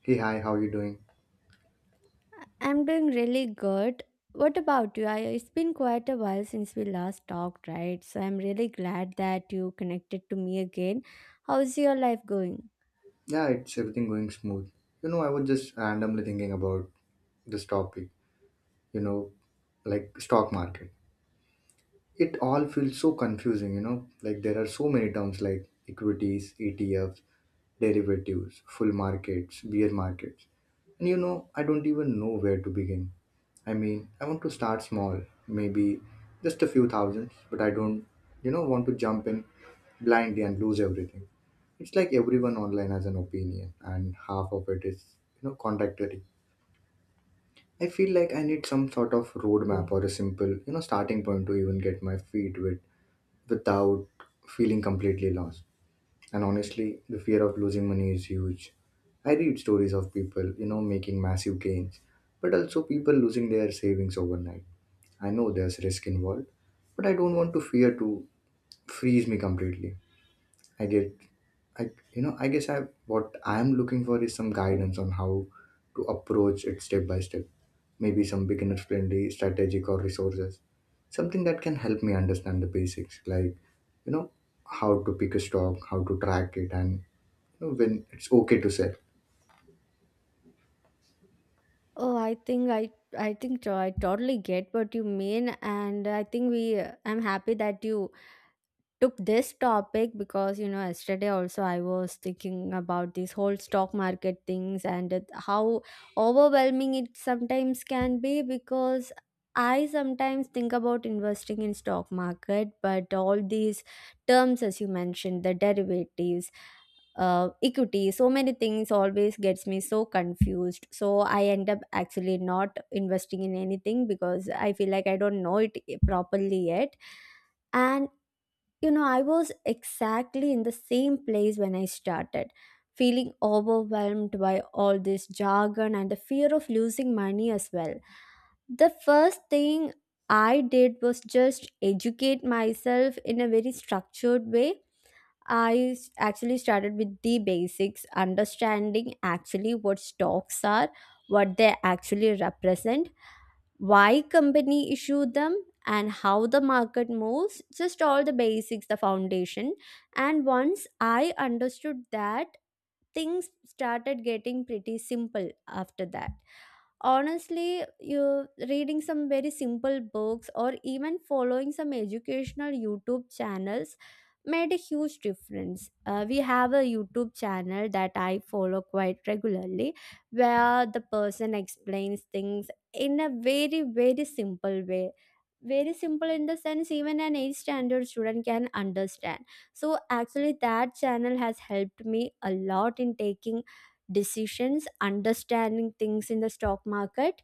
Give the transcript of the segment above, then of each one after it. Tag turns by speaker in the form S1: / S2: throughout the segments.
S1: Hey, hi, how you doing?
S2: I'm doing really good. What about you? It's been quite a while since we last talked, right? So I'm really glad that you connected to me again. How's your life going?
S1: Yeah, it's everything going smooth. I was just randomly thinking about this topic, you know, like stock market. It all feels so confusing, like there are so many terms like equities, ETFs, derivatives, full markets, bear markets. And I don't even know where to begin. I mean, I want to start small, maybe just a few thousands, but I don't want to jump in blindly and lose everything. It's like everyone online has an opinion, and half of it is, contradictory. I feel like I need some sort of roadmap or a simple, starting point to even get my feet wet without feeling completely lost. And honestly, the fear of losing money is huge. I read stories of people, making massive gains, but also people losing their savings overnight. I know there's risk involved, but I don't want to fear to freeze me completely. I get, I you know, I guess I what I'm looking for is some guidance on how to approach it step by step. Maybe some beginner friendly strategic or resources, something that can help me understand the basics, like you know how to pick a stock, how to track it, and when it's okay to sell.
S2: Oh, I think to- I totally get what you mean, and I think we I'm happy that you took this topic because yesterday also I was thinking about this whole stock market things and how overwhelming it sometimes can be, because I sometimes think about investing in stock market, but all these terms as you mentioned, the derivatives, equity, so many things always gets me so confused. So I end up actually not investing in anything because I feel like I don't know it properly yet. And I was exactly in the same place when I started, feeling overwhelmed by all this jargon and the fear of losing money as well. The first thing I did was just educate myself in a very structured way. Actually started with the basics, understanding actually what stocks are, what they actually represent, why company issue them, and how the market moves, just all the basics, the foundation. And once I understood that, things started getting pretty simple after that. Honestly, you reading some very simple books or even following some educational YouTube channels made a huge difference. We have a YouTube channel that I follow quite regularly, where the person explains things in a very very simple way. Very simple in the sense even an 8th standard student can understand. So actually that channel has helped me a lot in taking decisions, understanding things in the stock market.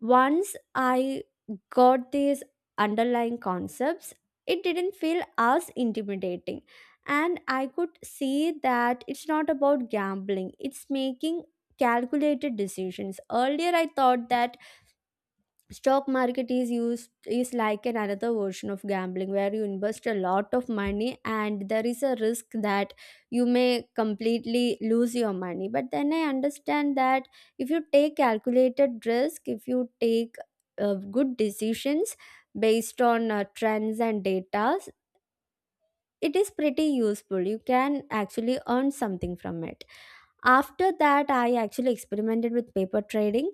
S2: Once I got these underlying concepts, it didn't feel as intimidating, and I could see that it's not about gambling, it's making calculated decisions. Earlier I thought that stock market is used is like an another version of gambling, where you invest a lot of money and there is a risk that you may completely lose your money. But then I understand that if you take calculated risk, if you take good decisions based on trends and data, it is pretty useful. You can actually earn something from it. After that, I actually experimented with paper trading,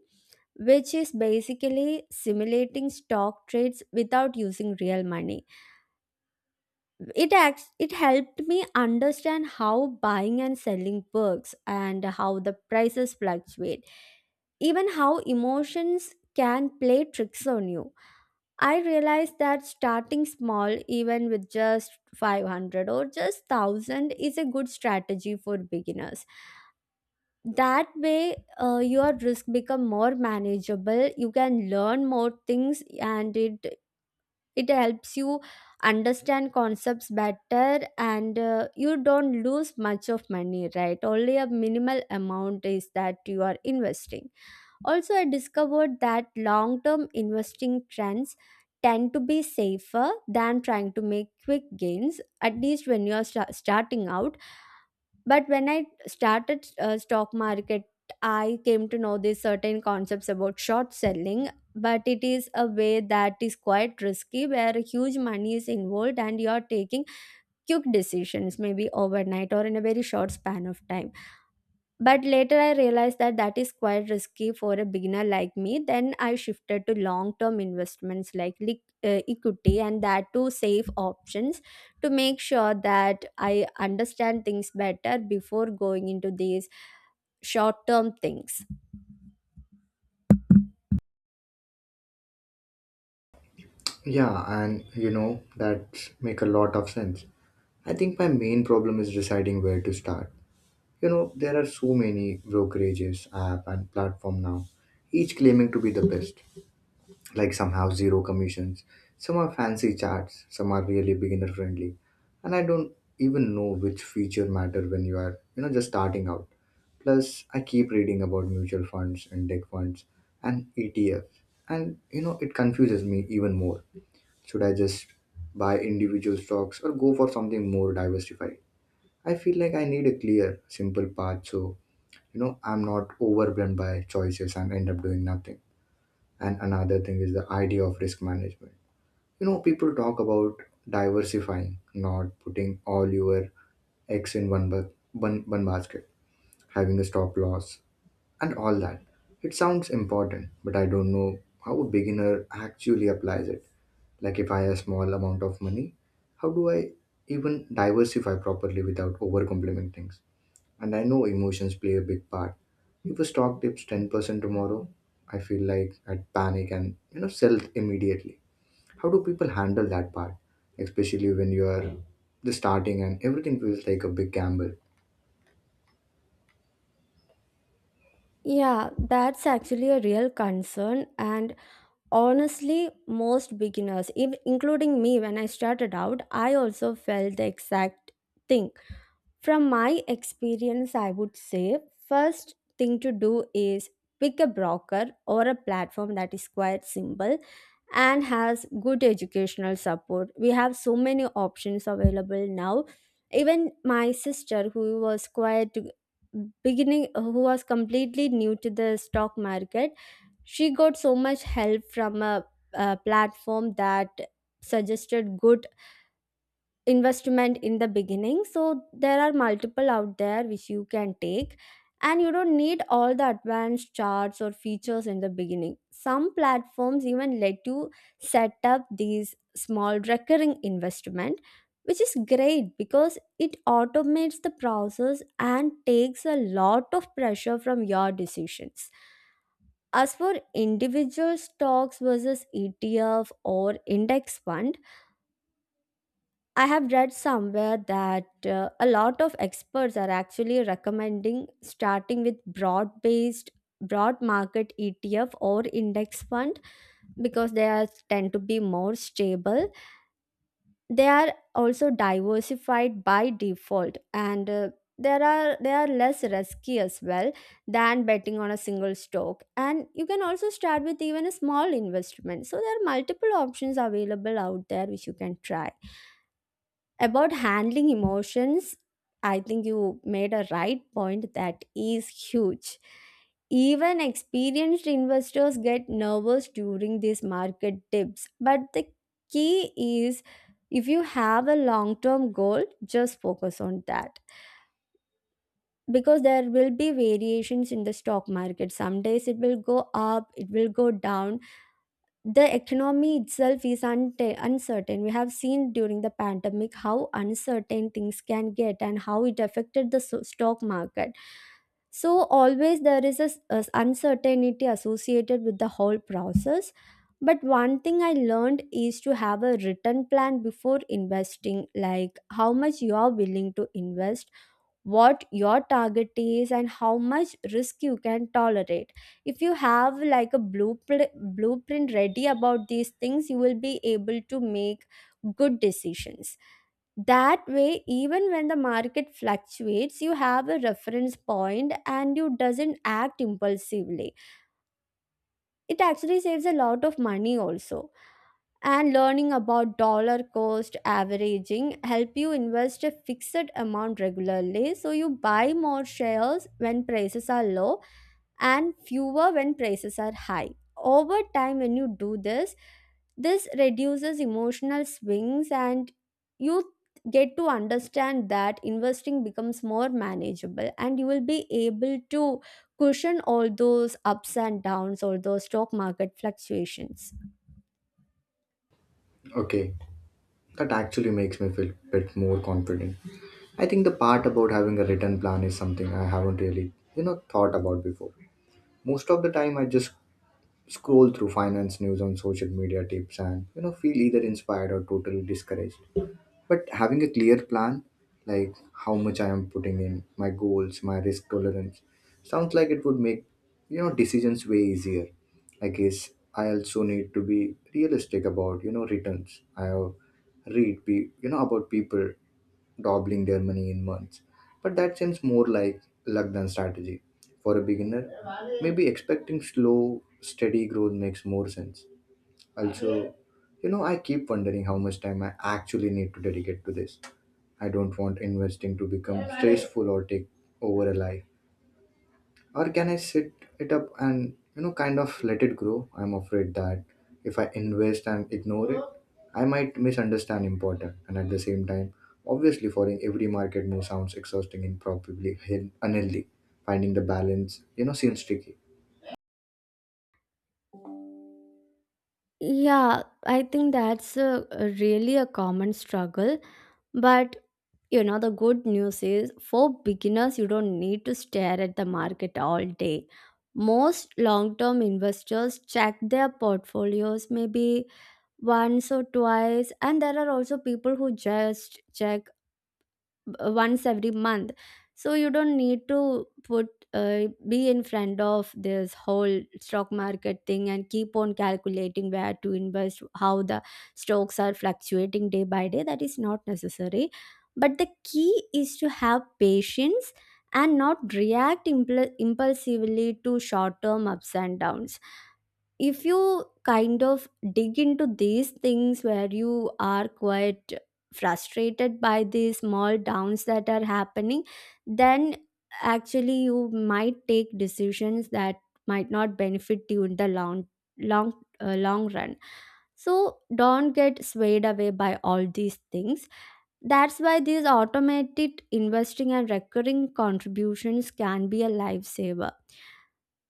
S2: which is basically simulating stock trades without using real money. It helped me understand how buying and selling works and how the prices fluctuate, even how emotions can play tricks on you. I realized that starting small, even with just 500 or just 1000, is a good strategy for beginners. That way, your risk become more manageable, you can learn more things, and it helps you understand concepts better, and you don't lose much of money, right? Only a minimal amount is that you are investing. Also, I discovered that long term investing trends tend to be safer than trying to make quick gains, at least when you are starting out. But when I started stock market, I came to know these certain concepts about short selling, but it is a way that is quite risky, where huge money is involved and you are taking quick decisions, maybe overnight or in a very short span of time. But later I realized that that is quite risky for a beginner like me. Then I shifted to long term investments like equity, and that to safe options, to make sure that I understand things better before going into these short term things.
S1: Yeah, and you know that make a lot of sense. I think my main problem is deciding where to start. You know, there are so many brokerages, app, and platform now, each claiming to be the best. Like some have zero commissions, some are fancy charts, some are really beginner friendly, and I don't even know which feature matter when you are, just starting out. Plus, I keep reading about mutual funds, index funds, and ETFs, and it confuses me even more. Should I just buy individual stocks or go for something more diversified? I feel like I need a clear, simple path so I'm not overwhelmed by choices and end up doing nothing. And another thing is the idea of risk management. You know, people talk about diversifying, not putting all your eggs in one basket, having a stop loss and all that. It sounds important, but I don't know how a beginner actually applies it. Like if I have a small amount of money, how do I even diversify properly without overcomplimenting things? And I know emotions play a big part. If a stock dips 10% tomorrow, I feel like I'd panic and sell immediately. How do people handle that part, especially when you are the starting and everything feels like a big gamble?
S2: Yeah, that's actually a real concern. And honestly, most beginners, including me when I started out, I also felt the exact thing. From my experience, I would say first thing to do is pick a broker or a platform that is quite simple and has good educational support. We have so many options available now. Even my sister, who was quite beginning, who was completely new to the stock market, she got so much help from a platform that suggested good investment in the beginning. So there are multiple out there which you can take. And you don't need all the advanced charts or features in the beginning. Some platforms even let you set up these small recurring investment, which is great because it automates the process and takes a lot of pressure from your decisions. As for individual stocks versus ETF or index fund, I have read somewhere that a lot of experts are actually recommending starting with broad market ETF or index fund, because they are tend to be more stable. They are also diversified by default, and there are they are less risky as well than betting on a single stock. And you can also start with even a small investment. So there are multiple options available out there which you can try. About handling emotions, I think you made a right point, that is huge. Even experienced investors get nervous during these market dips. But the key is, if you have a long term goal, just focus on that. Because there will be variations in the stock market. Some days it will go up, it will go down. The economy itself is unta uncertain. We have seen during the pandemic how uncertain things can get and how it affected the stock market. So, always there is uncertainty associated with the whole process. But one thing I learned is to have a written plan before investing, like how much you are willing to invest, what your target is, and how much risk you can tolerate. If you have like a blueprint ready about these things, you will be able to make good decisions. That way, even when the market fluctuates, you have a reference point and you doesn't act impulsively. It actually saves a lot of money also. And learning about dollar cost averaging help you invest a fixed amount regularly, so you buy more shares when prices are low and fewer when prices are high. Over time when you do this, this reduces emotional swings, and you get to understand that investing becomes more manageable, and you will be able to cushion all those ups and downs, all those stock market fluctuations.
S1: Okay, that actually makes me feel a bit more confident. I think the part about having a written plan is something I haven't really thought about before. Most of the time, I just scroll through finance news on social media tips and feel either inspired or totally discouraged. But having a clear plan, like how much I am putting in, my goals, my risk tolerance, sounds like it would make decisions way easier. I guess I also need to be realistic about returns. I have read about people doubling their money in months. But that seems more like luck than strategy. For a beginner, maybe expecting slow, steady growth makes more sense. Also, I keep wondering how much time I actually need to dedicate to this. I don't want investing to become stressful or take over a life. Or can I sit it up and, kind of let it grow? I'm afraid that if I invest and ignore it, I might misunderstand important. And at the same time, obviously, following every market move sounds exhausting and probably hin- unhealthy. Finding the balance, seems tricky.
S2: Yeah, I think that's a really a common struggle. But you know, the good news is for beginners, you don't need to stare at the market all day. Most long term investors check their portfolios maybe once or twice, and there are also people who just check b- once every month. So you don't need to put be in front of this whole stock market thing and keep on calculating where to invest, how the stocks are fluctuating day by day. That is not necessary. But the key is to have patience and not react impulsively to short term ups and downs. If you kind of dig into these things where you are quite frustrated by the small downs that are happening, then actually you might take decisions that might not benefit you in the long long run. So don't get swayed away by all these things. That's why these automated investing and recurring contributions can be a lifesaver,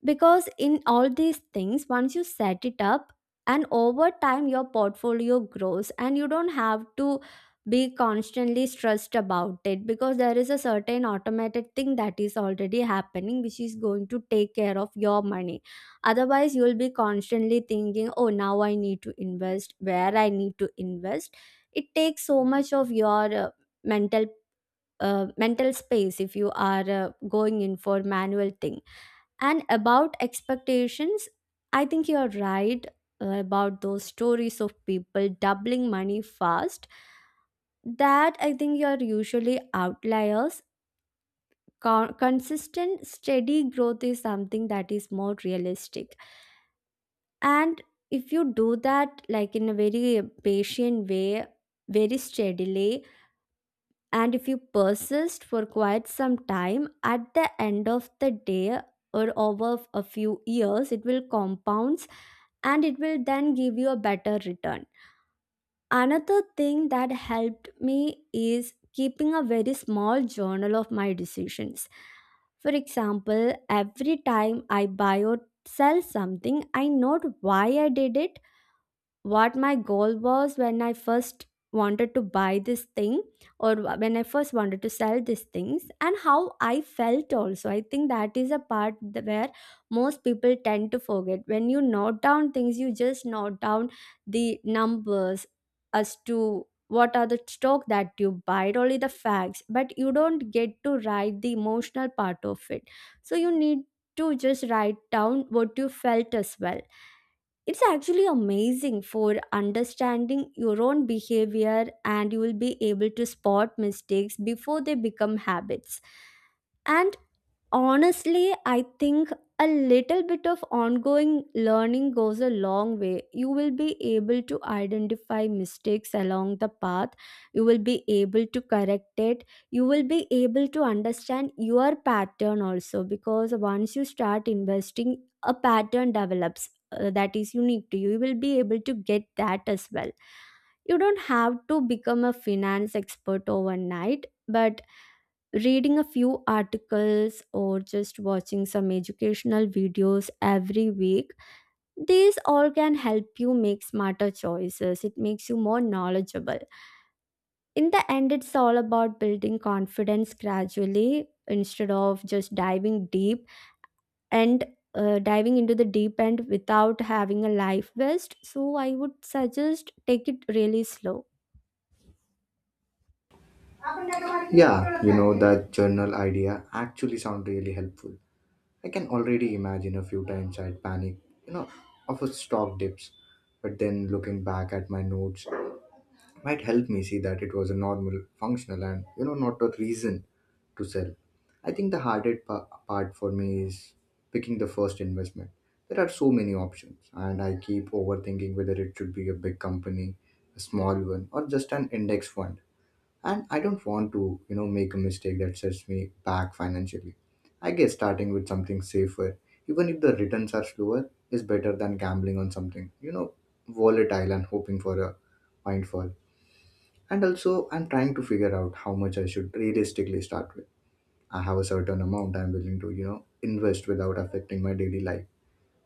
S2: because in all these things, once you set it up and over time your portfolio grows, and you don't have to be constantly stressed about it, because there is a certain automated thing that is already happening, which is going to take care of your money. Otherwise you will be constantly thinking, oh, now I need to invest, where I need to invest. It takes so much of your mental mental space if you are going in for manual thing. And about expectations, I think you're right about those stories of people doubling money fast. That I think you're usually outliers. Consistent, steady growth is something that is more realistic. And if you do that, like in a very patient way, very steadily, and if you persist for quite some time, at the end of the day or over a few years, it will compounds and it will then give you a better return. Another thing that helped me is keeping a very small journal of my decisions. For example, every time I buy or sell something, I note why I did it, what my goal was when I first wanted to buy this thing, or when I first wanted to sell these things, and how I felt also. I think that is a part where most people tend to forget. When you note down things, you just note down the numbers as to what are the stock that you buy, only the facts, but you don't get to write the emotional part of it. So you need to just write down what you felt as well. It's actually amazing for understanding your own behavior, and you will be able to spot mistakes before they become habits. And honestly, I think a little bit of ongoing learning goes a long way. You will be able to identify mistakes along the path, you will be able to correct it, you will be able to understand your pattern also, because once you start investing, a pattern develops that is unique to you. You will be able to get that as well. You don't have to become a finance expert overnight, but reading a few articles or just watching some educational videos every week, these all can help you make smarter choices. It makes you more knowledgeable. In the end, it's all about building confidence gradually instead of just diving deep and diving into the deep end without having a life vest. So I would suggest, take it really slow.
S1: Yeah, that journal idea actually sound really helpful. I can already imagine a few times I'd panic, you know, of a stock dips. But then looking back at my notes might help me see that it was a normal, functional, and not a reason to sell. I think the hardest part for me is picking the first investment. There are so many options, and I keep overthinking whether it should be a big company, a small one, or just an index fund. And I don't want to make a mistake that sets me back financially. I guess starting with something safer, even if the returns are slower, is better than gambling on something volatile and hoping for a windfall. And also, I'm trying to figure out how much I should realistically start with. I have a certain amount I'm willing to invest without affecting my daily life,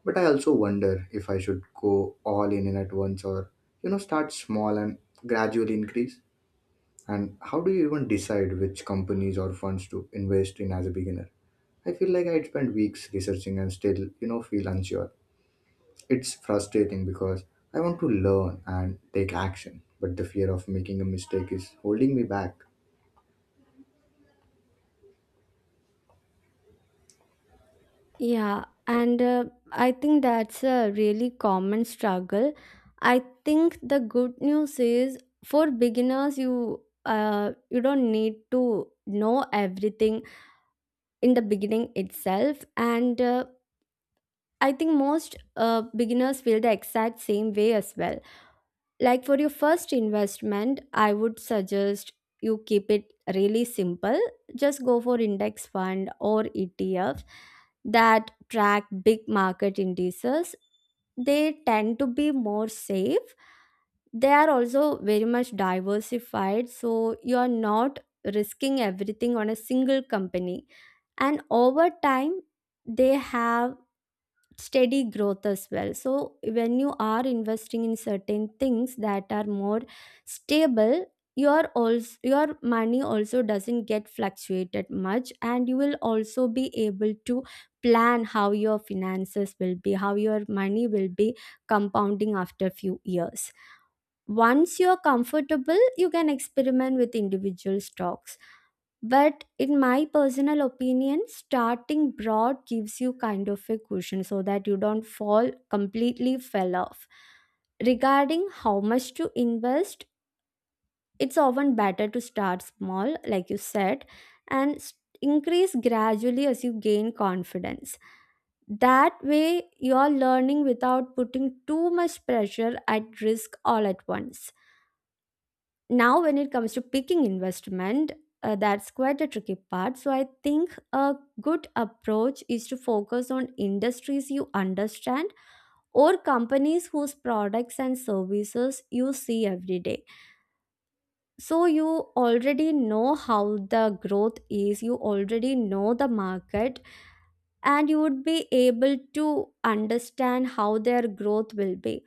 S1: but I also wonder if I should go all in at once or start small and gradually increase. And how do you even decide which companies or funds to invest in as a beginner? I feel like I'd spend weeks researching and still, feel unsure. It's frustrating because I want to learn and take action, but the fear of making a mistake is holding me back.
S2: Yeah, and I think that's a really common struggle. I think the good news is, for beginners, you don't need to know everything in the beginning itself, and I think most beginners feel the exact same way as well. Like, for your first investment, I would suggest you keep it really simple. Just go for index fund or ETF that track big market indices. They tend to be more safe. They are also very much diversified, so you are not risking everything on a single company, and over time they have steady growth as well. So when you are investing in certain things that are more stable, your money also doesn't get fluctuated much, and you will also be able to plan how your finances will be, how your money will be compounding after few years. Once you're comfortable, you can experiment with individual stocks, but in my personal opinion, starting broad gives you kind of a cushion so that you don't fall completely, fell off. Regarding how much to invest, it's often better to start small, like you said, and s- increase gradually as you gain confidence. That way you're learning without putting too much pressure at risk all at once. Now, when it comes to picking investment, that's quite a tricky part. So I think a good approach is to focus on industries you understand, or companies whose products and services you see every day. So you already know how the growth is, you already know the market, and you would be able to understand how their growth will be.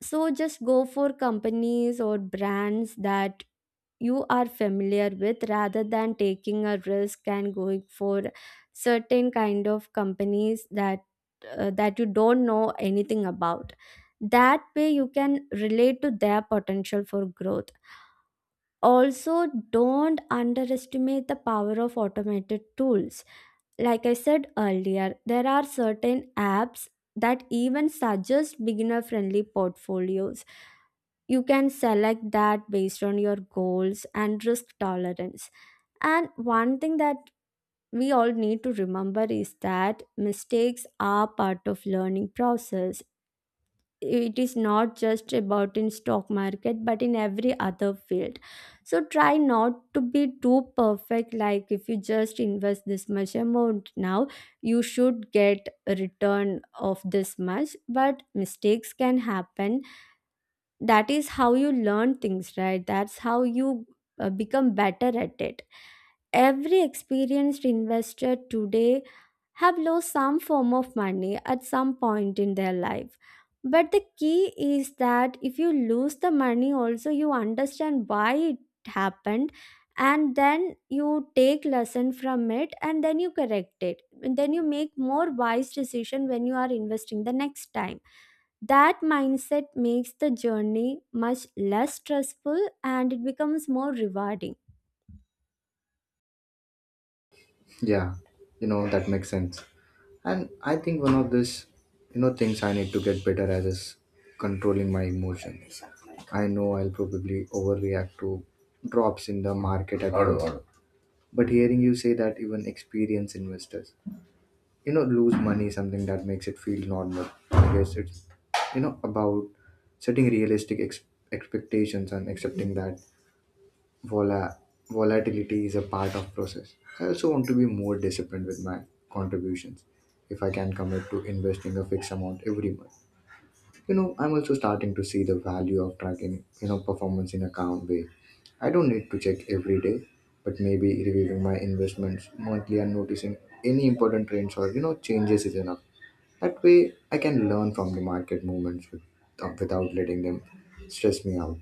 S2: So just go for companies or brands that you are familiar with, rather than taking a risk and going for certain kind of companies that that you don't know anything about. That way you can relate to their potential for growth. Also, don't underestimate the power of automated tools. Like I said earlier, there are certain apps that even suggest beginner friendly portfolios. You can select that based on your goals and risk tolerance. And one thing that we all need to remember is that mistakes are part of learning process. It is not just about in stock market, but in every other field. So try not to be too perfect. Like, if you just invest this much amount now, you should get a return of this much, but mistakes can happen. That is how you learn things, right? That's how you become better at it. Every experienced investor today have lost some form of money at some point in their life. But the key is that if you lose the money, also you understand why it happened, and then you take lesson from it, and then you correct it, and then you make more wise decision when you are investing the next time. That mindset makes the journey much less stressful, and it becomes more rewarding.
S1: Yeah, that makes sense. And I think one of this, things I need to get better at is controlling my emotions. I know I'll probably overreact to drops in the market at once. But hearing you say that even experienced investors, lose money, something that makes it feel normal. I guess it's, about setting realistic expectations and accepting that vola- volatility is a part of process. I also want to be more disciplined with my contributions if I can commit to investing a fixed amount every month. You know, I'm also starting to see the value of tracking performance in a calm way. I don't need to check every day, but maybe reviewing my investments monthly and noticing any important trends or changes is enough. That way I can learn from the market movements without letting them stress me out.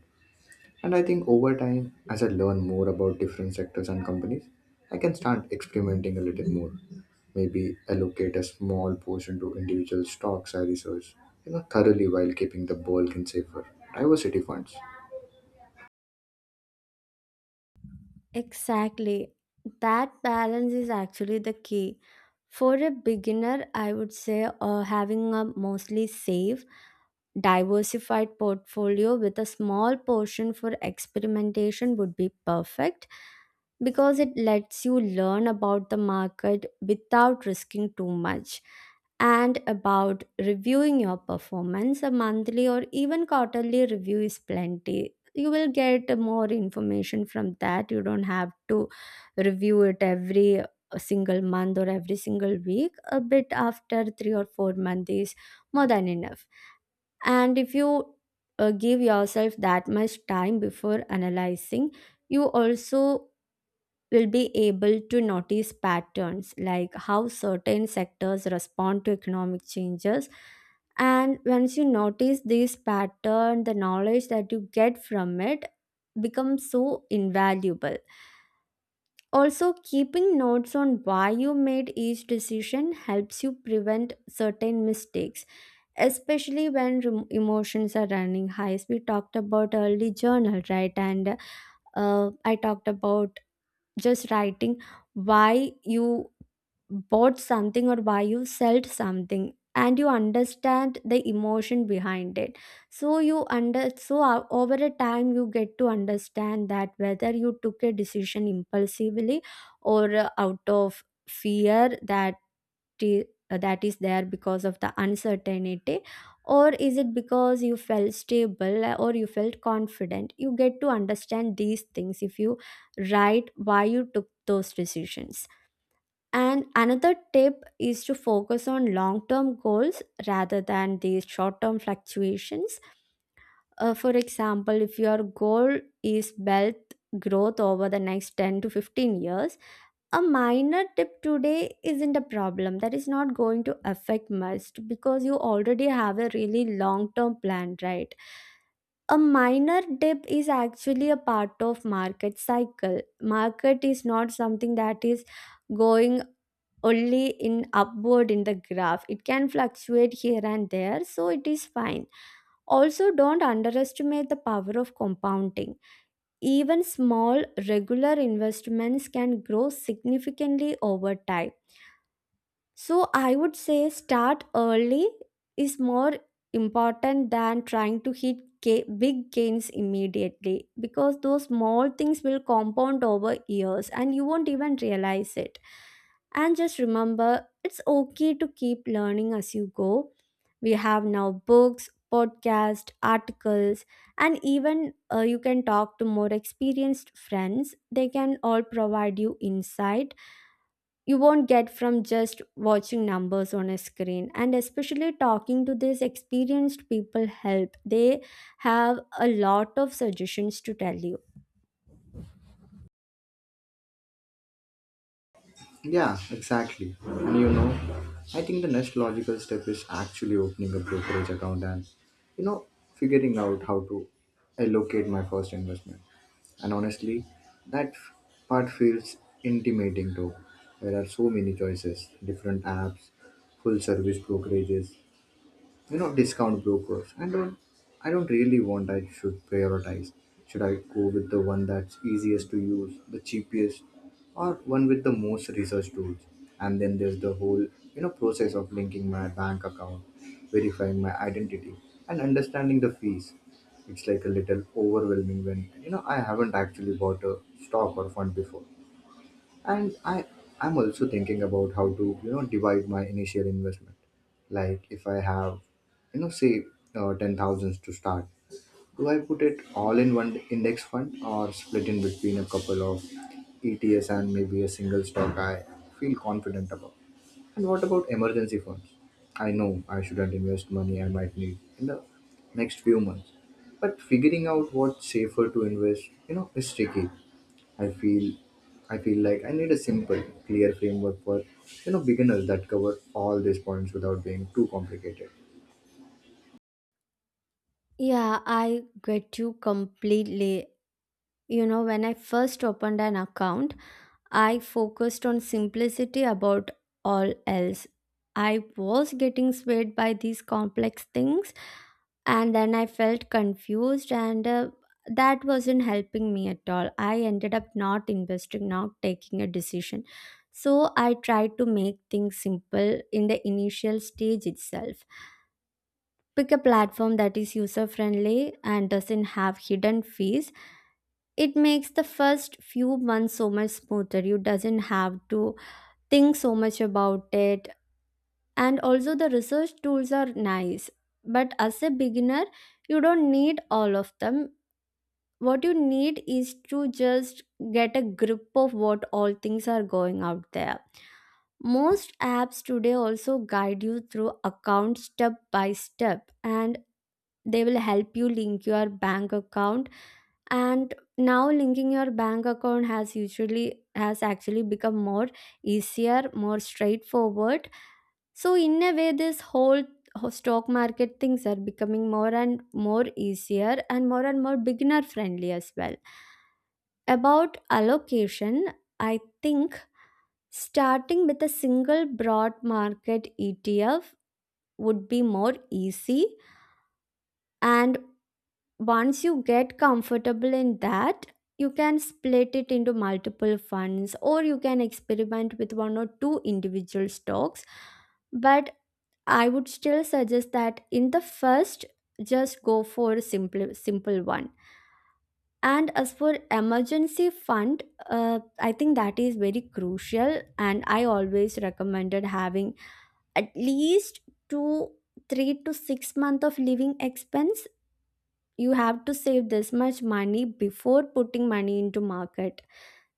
S1: And I think over time, as I learn more about different sectors and companies, I can start experimenting a little more. Maybe allocate a small portion to individual stocks I research, thoroughly while keeping the bulk in safer diversity funds.
S2: Exactly. That balance is actually the key. For a beginner, I would say, having a mostly safe, diversified portfolio with a small portion for experimentation would be perfect, because it lets you learn about the market without risking too much. And about reviewing your performance, a monthly or even quarterly review is plenty. You will get more information from that. You don't have to review it every single month or every single week. A bit after 3 or 4 months is more than enough. And if you give yourself that much time before analyzing, you also will be able to notice patterns, like how certain sectors respond to economic changes. And once you notice this pattern, the knowledge that you get from it becomes so invaluable. Also, keeping notes on why you made each decision helps you prevent certain mistakes, especially when emotions are running high. As we talked about early, journal, right? And I talked about just writing why you bought something or why you sold something, and you understand the emotion behind it. So you under, over a time you get to understand that, whether you took a decision impulsively or out of fear that that is there because of the uncertainty, or is it because you felt stable, or you felt confident. You get to understand these things if you write why you took those decisions. And another tip is to focus on long term goals rather than these short term fluctuations. For example, if your goal is wealth growth over the next 10 to 15 years, a minor tip today isn't a problem. That is not going to affect much because you already have a really long term plan, right? A minor dip is actually a part of market cycle. Market is not something that is going only in upward in the graph. It can fluctuate here and there, so it is fine. Also, don't underestimate the power of compounding. Even small, regular investments can grow significantly over time. So I would say, start early is more important than trying to hit big gains immediately, because those small things will compound over years and you won't even realize it. And just remember, it's okay to keep learning as you go. We have now books, podcasts, articles, and even you can talk to more experienced friends. They can all provide you insight you won't get from just watching numbers on a screen. And especially talking to these experienced people help. They have a lot of suggestions to tell you.
S1: Yeah, exactly. And I think the next logical step is actually opening a brokerage account and, you know, figuring out how to allocate my first investment. And honestly, that part feels intimidating though. There are so many choices, different apps, full service brokerages, discount brokers. I don't really want I should prioritize. Should I go with the one that's easiest to use, the cheapest, or one with the most research tools? And then there's the whole process of linking my bank account, verifying my identity, and understanding the fees. It's like a little overwhelming when I haven't actually bought a stock or fund before. And I'm also thinking about how to, divide my initial investment. Like if I have, say ten thousands to start, do I put it all in one index fund or split in between a couple of ETS and maybe a single stock I feel confident about? And what about emergency funds? I know I shouldn't invest money I might need in the next few months, but figuring out what's safer to invest, is tricky. I feel I feel like I need a simple, clear framework for beginners that cover all these points without being too complicated.
S2: Yeah, I get you completely. You know, when I first opened an account, I focused on simplicity about all else. I was getting swayed by these complex things, and then I felt confused, and that wasn't helping me at all. I ended up not investing, not taking a decision. So I tried to make things simple in the initial stage itself. Pick a platform that is user friendly and doesn't have hidden fees. It makes the first few months so much smoother. You doesn't have to think so much about it. And also, the research tools are nice, but as a beginner, you don't need all of them. What you need is to just get a grip of what all things are going out there. Most apps today also guide you through account step by step, and they will help you link your bank account. And now linking your bank account has usually has actually become more easier, more straightforward. So in a way, this whole stock market things are becoming more and more easier, and more beginner friendly as well. About allocation, I think starting with a single broad market ETF would be more easy. And once you get comfortable in that, you can split it into multiple funds, or you can experiment with one or two individual stocks. But I would still suggest that, in the first, just go for a simple one. And as for emergency fund, I think that is very crucial, and I always recommended having at least 2, three to 6 months of living expense. You have to save this much money before putting money into market.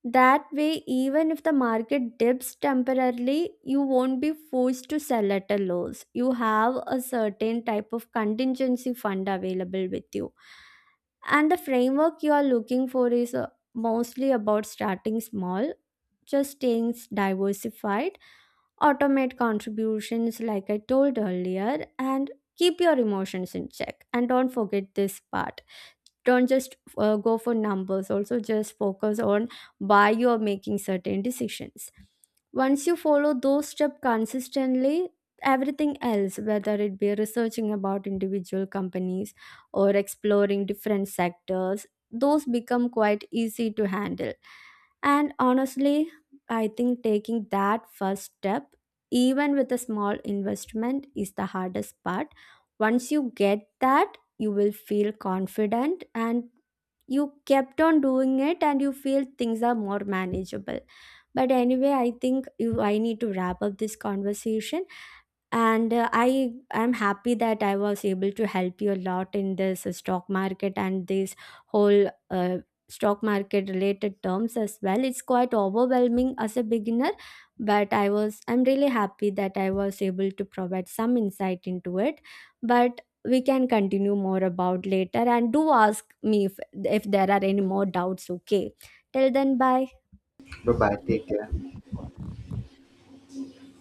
S2: That way, even if the market dips temporarily, you won't be forced to sell at a loss. You have a certain type of contingency fund available with you. And the framework you are looking for is, mostly about starting small, just staying diversified, automate contributions like I told earlier, and keep your emotions in check. And don't forget this part, don't just go for numbers, also just focus on why you are making certain decisions. Once you follow those steps consistently, everything else, whether it be researching about individual companies or exploring different sectors, those become quite easy to handle. And honestly, I think taking that first step, even with a small investment, is the hardest part. Once you get that, you will feel confident, and you kept on doing it, and you feel things are more manageable. But anyway, I think you, I need to wrap up this conversation. And I'm happy that I was able to help you a lot in this stock market, and this whole stock market related terms as well. It's quite overwhelming as a beginner, but I'm really happy that I was able to provide some insight into it. But we can continue more about later, and do ask me if there are any more doubts, okay? Till then, bye.
S1: Bye bye. Take care.